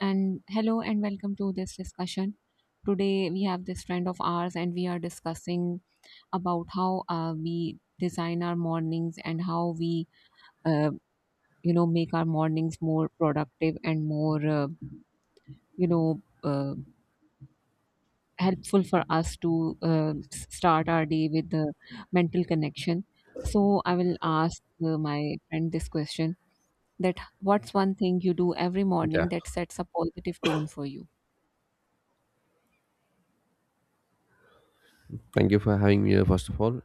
And hello and welcome to this discussion. Today we have this friend of ours and we are discussing about how we design our mornings and how we uh, make our mornings more productive and more you know uh, helpful for us to start our day with the mental connection. So I will ask my friend this question, that what's one thing you do every Yeah. morning that sets a positive tone for you? Thank you for having me here, first of all.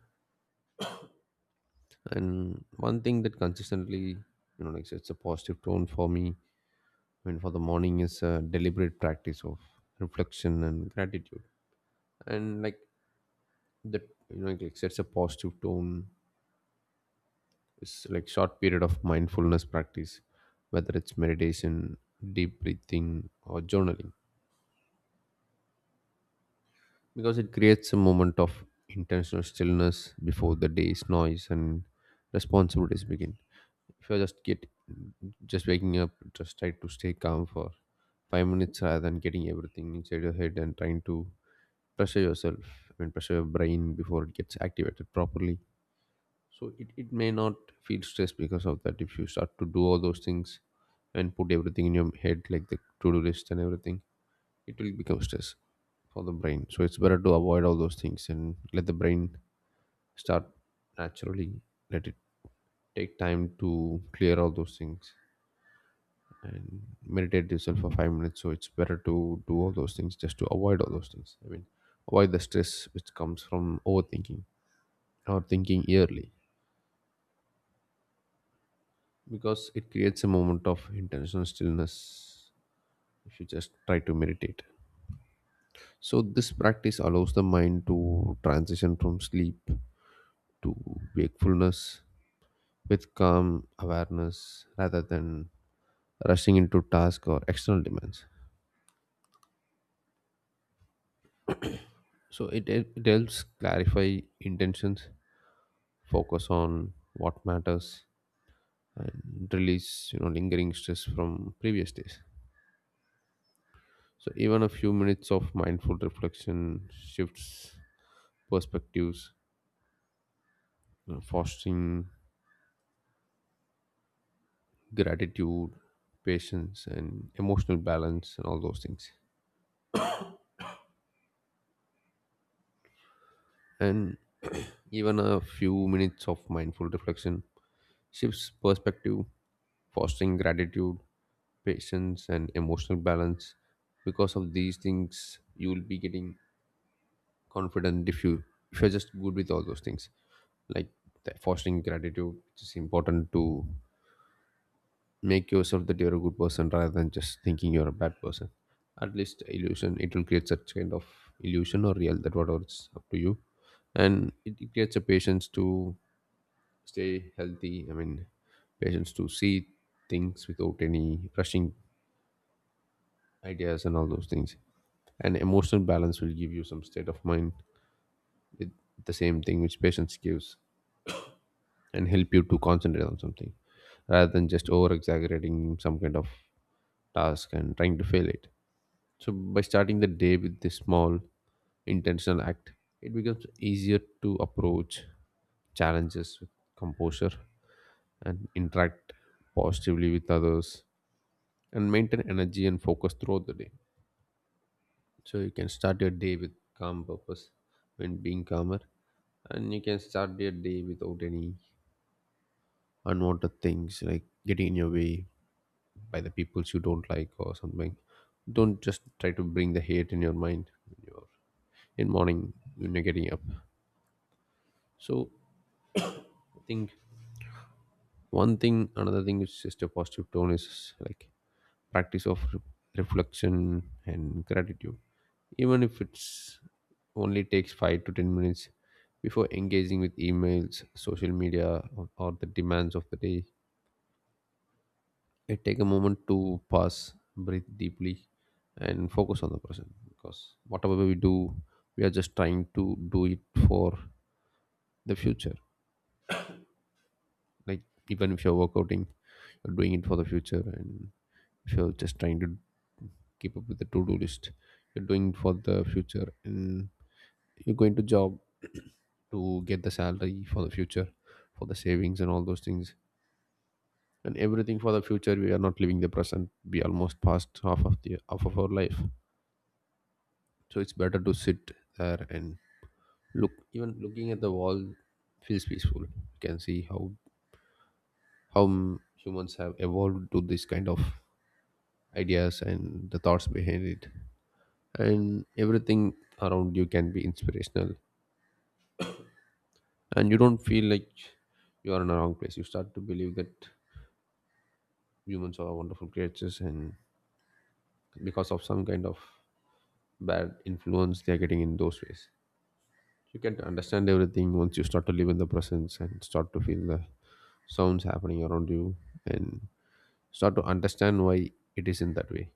And one thing that consistently, you know, like it's a positive tone for me. I mean, for the morning is a deliberate practice of reflection and gratitude. And like that, you know, like sets a positive tone. It's like short period of mindfulness practice, whether it's meditation, deep breathing, or journaling, because it creates a moment of intentional stillness before the day's noise and responsibilities begin. If you're just waking up, just try to stay calm for 5 minutes rather than getting everything inside your head and trying to pressure yourself and pressure your brain before it gets activated properly. So it may not feel stressed because of that. If you start to do all those things and put everything in your head like the to-do list and everything, it will become stress for the brain, so it's better to avoid all those things and let the brain start naturally, let it take time to clear all those things and meditate yourself for 5 minutes. So it's better to do all those things just to avoid all those things. I mean, avoid the stress which comes from overthinking or thinking yearly, because it creates a moment of intentional stillness if you just try to meditate. So this practice allows the mind to transition from sleep to wakefulness with calm awareness rather than rushing into task or external demands. So it helps clarify intentions, focus on what matters, and release, you know, lingering stress from previous days. So even a few minutes of mindful reflection shifts perspectives, you know, fostering gratitude, patience and emotional balance and all those things. And even a few minutes of mindful reflection shifts perspective, fostering gratitude, patience and emotional balance. Because of these things you will be getting confident if you're just good with all those things, like the fostering gratitude which is important to make yourself that you're a good person rather than just thinking you're a bad person. At least illusion, it will create such kind of illusion or real, that whatever, it's up to you. And it creates a patience to stay healthy. I mean, patience to see things without any rushing ideas and all those things. And emotional balance will give you some state of mind with the same thing which patience gives, and help you to concentrate on something rather than just over exaggerating some kind of task and trying to fail it. So, by starting the day with this small intentional act, it becomes easier to approach challenges with composure and interact positively with others and maintain energy and focus throughout the day. So, you can start your day with calm purpose when being calmer, and you can start your day without any unwanted things like getting in your way by the peoples you don't like or something. Don't just try to bring the hate in your mind when you're in morning when you're getting up. So I think one thing, another thing is just a positive tone is like practice of reflection and gratitude, even if it's only takes 5 to 10 minutes. Before engaging with emails, social media, or the demands of the day, I take a moment to pause, breathe deeply, and focus on the present, because whatever we do, we are just trying to do it for the future. Like, even if you're workouting, you're doing it for the future, and if you're just trying to keep up with the to do list, you're doing it for the future, and you're going to job to get the salary for the future, for the savings, and all those things. And everything for the future, we are not living the present. We almost passed half of our life, so it's better to sit there and look. Even looking at the wall feels peaceful. You can see how humans have evolved to this kind of ideas and the thoughts behind it, and everything around you can be inspirational, and you don't feel like you are in the wrong place. You start to believe that humans are wonderful creatures, and because of some kind of bad influence they are getting in those ways. You can understand everything once you start to live in the presence and start to feel the sounds happening around you, and start to understand why it is in that way.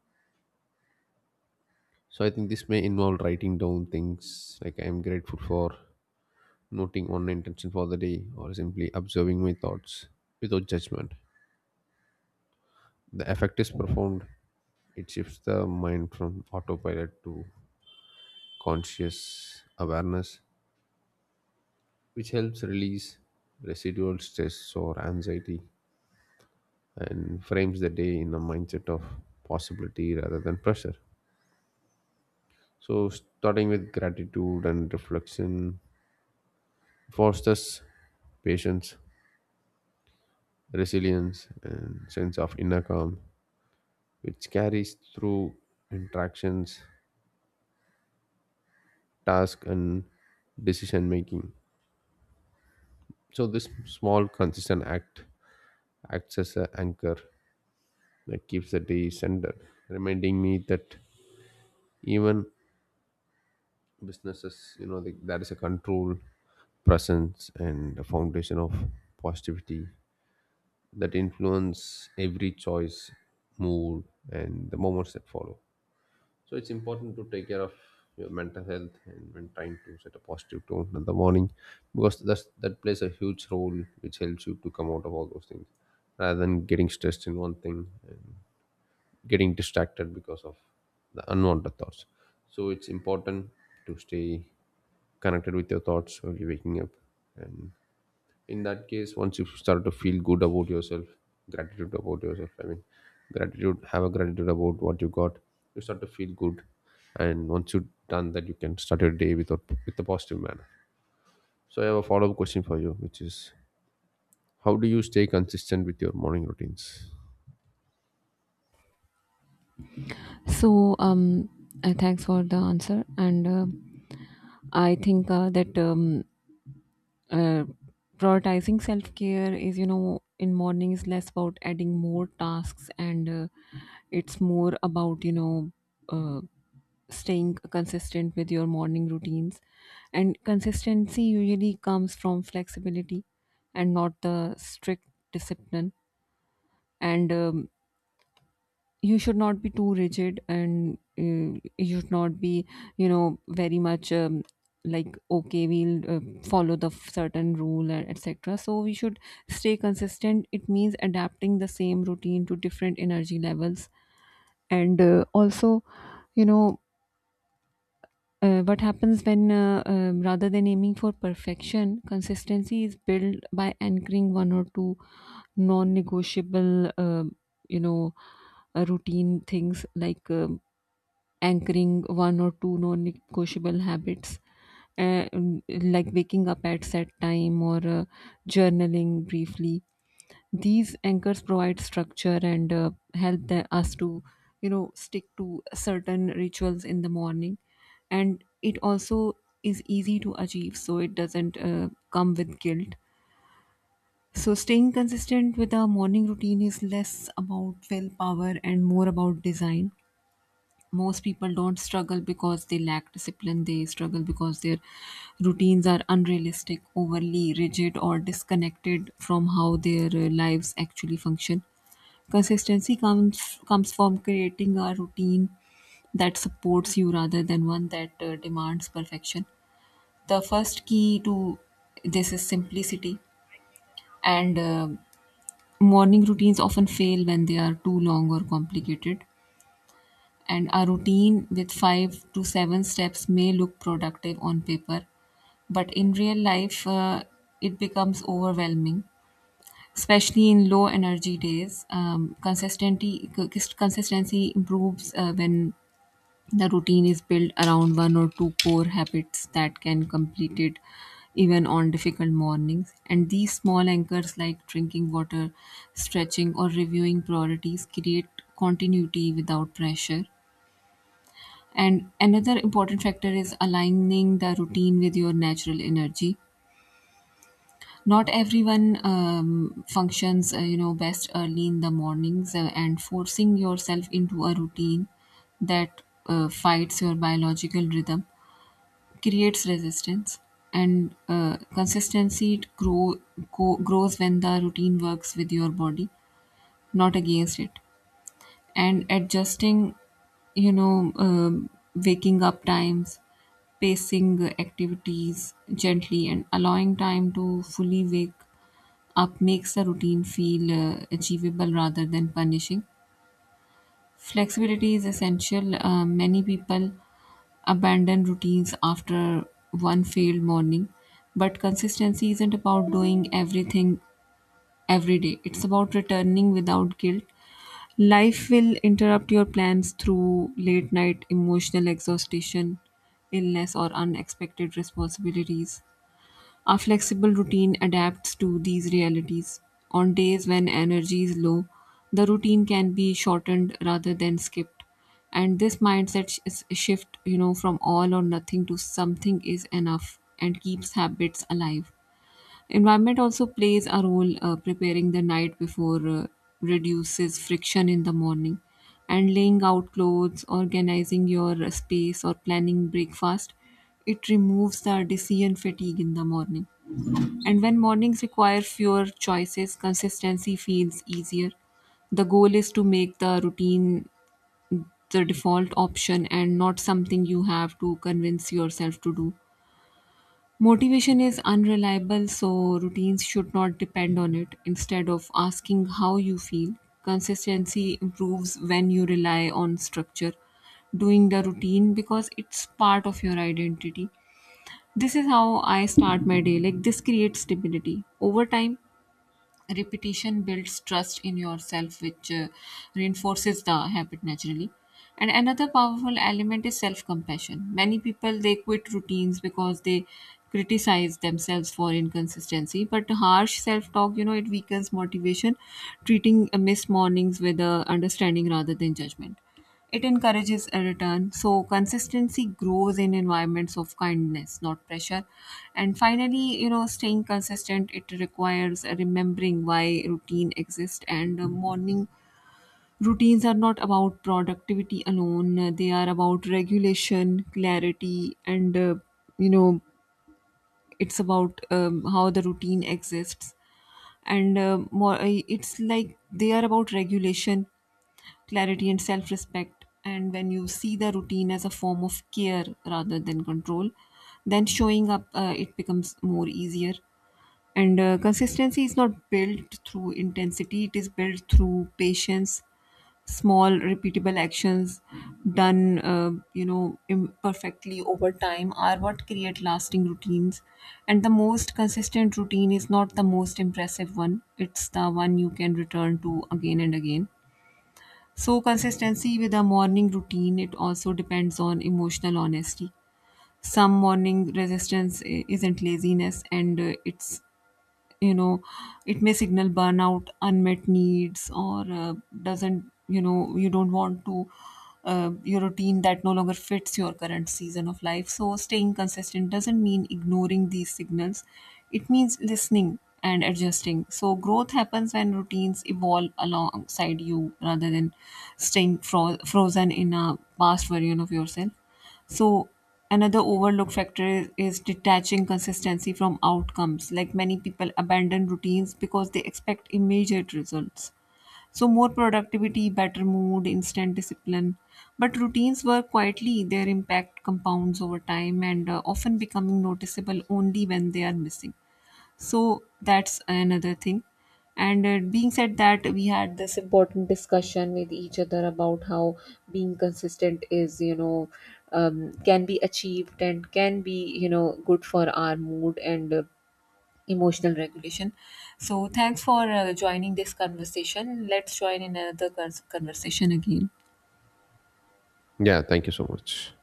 So I think this may involve writing down things like I am grateful for, noting one intention for the day, or simply observing my thoughts without judgment. The effect is profound. It shifts the mind from autopilot to conscious awareness, which helps release residual stress or anxiety and frames the day in a mindset of possibility rather than pressure. So, starting with gratitude and reflection fosters patience, resilience, and sense of inner calm, which carries through interactions, task, and decision making. So, this small, consistent act acts as an anchor that keeps the day centered, reminding me that even businesses, you know, there is a control presence and a foundation of positivity that influence every choice, mood, and the moments that follow. So it's important to take care of your mental health and when trying to set a positive tone in the morning, because that plays a huge role which helps you to come out of all those things rather than getting stressed in one thing, getting distracted because of the unwanted thoughts. So it's important to stay connected with your thoughts when you're waking up. And in that case, once you start to feel good about yourself, gratitude about yourself, I mean, gratitude, have a gratitude about what you got, you start to feel good. And once you've done that, you can start your day with a, positive manner. So I have a follow-up question for you, which is, how do you stay consistent with your morning routines? So, thanks for the answer. And I think that uh, prioritizing self care is, you know, in morning, is less about adding more tasks, and it's more about, you know, uh, staying consistent with your morning routines. And consistency usually comes from flexibility and not the strict discipline. And you should not be too rigid, and you should not be, you know, very much like, okay, we'll follow the certain rule and etc, so we should stay consistent. It means adapting the same routine to different energy levels, and also, you know, what happens when rather than aiming for perfection, consistency is built by anchoring one or two non-negotiable you know routine things, like anchoring one or two non-negotiable habits, uh, like waking up at set time, or journaling briefly. These anchors provide structure and help us to, you know, stick to certain rituals in the morning. And it also is easy to achieve, so it doesn't come with guilt. So staying consistent with our morning routine is less about willpower and more about design. Most people don't struggle because they lack discipline, they struggle because their routines are unrealistic, overly rigid, or disconnected from how their lives actually function. Consistency comes from creating a routine that supports you rather than one that demands perfection. The first key to this is simplicity, and morning routines often fail when they are too long or complicated. And a routine with five to seven steps may look productive on paper, but in real life, it becomes overwhelming, especially in low energy days. Consistency improves when the routine is built around one or two core habits that can complete it even on difficult mornings. And these small anchors, like drinking water, stretching, or reviewing priorities, create continuity without pressure. And another important factor is aligning the routine with your natural energy. Not everyone functions, you know, best early in the mornings, and forcing yourself into a routine that fights your biological rhythm creates resistance. And consistency grows when the routine works with your body, not against it. And adjusting, you know, waking up times, pacing activities gently, and allowing time to fully wake up makes the routine feel achievable rather than punishing. Flexibility is essential. Many people abandon routines after one failed morning, but consistency isn't about doing everything every day. It's about returning without guilt. Life will interrupt your plans through late night emotional exhaustion, illness, or unexpected responsibilities. Our flexible routine adapts to these realities. On days when energy is low, the routine can be shortened rather than skipped. And this shift, you know, from all or nothing to something is enough, and keeps habits alive. Environment also plays a role. Preparing the night before reduces friction in the morning, and laying out clothes, organizing your space, or planning breakfast, it removes the decision fatigue in the morning. And when mornings require fewer choices, consistency feels easier. The goal is to make the routine the default option and not something you have to convince yourself to do. Motivation is unreliable, so routines should not depend on it. Instead of asking how you feel, consistency improves when you rely on structure, doing the routine because it's part of your identity. This is how I start my day. Like, this creates stability. Over time, repetition builds trust in yourself, which reinforces the habit naturally. And another powerful element is self compassion. Many people, they quit routines because they criticize themselves for inconsistency, but harsh self talk, you know, it weakens motivation. Treating missed mornings with understanding rather than judgment, it encourages a return. So consistency grows in environments of kindness, not pressure. And finally, you know, staying consistent, it requires remembering why routine exists. And morning routines are not about productivity alone. They are about regulation, clarity, and, you know, it's about, how the routine exists. And it's like, they are about regulation, clarity, and self respect. And when you see the routine as a form of care rather than control, then showing up, it becomes more easier. And consistency is not built through intensity, it is built through patience. Small, repeatable actions done, you know, imperfectly over time are what create lasting routines. And the most consistent routine is not the most impressive one, it's the one you can return to again and again. So consistency with a morning routine, it also depends on emotional honesty. Some morning isn't laziness, and it's, you know, it may signal burnout, unmet needs, or doesn't you know you don't want to, your routine that no longer fits your current season of life. So staying consistent doesn't mean ignoring these signals, it means listening and adjusting. So growth happens when routines evolve alongside you rather than staying frozen in a past version of yourself. So another overlooked factor is detaching consistency from outcomes. Like, many people abandon routines because they expect immediate results. So more productivity, better mood, instant discipline. But routines work quietly. Their impact compounds over time, and often becoming noticeable only when they are missing. So that's another thing. And being said that, we had this important discussion with each other about how being consistent is, you know, can be achieved and can be, you know, good for our mood and emotional regulation. So thanks for joining this conversation. Let's join in another conversation again. Yeah, thank you so much.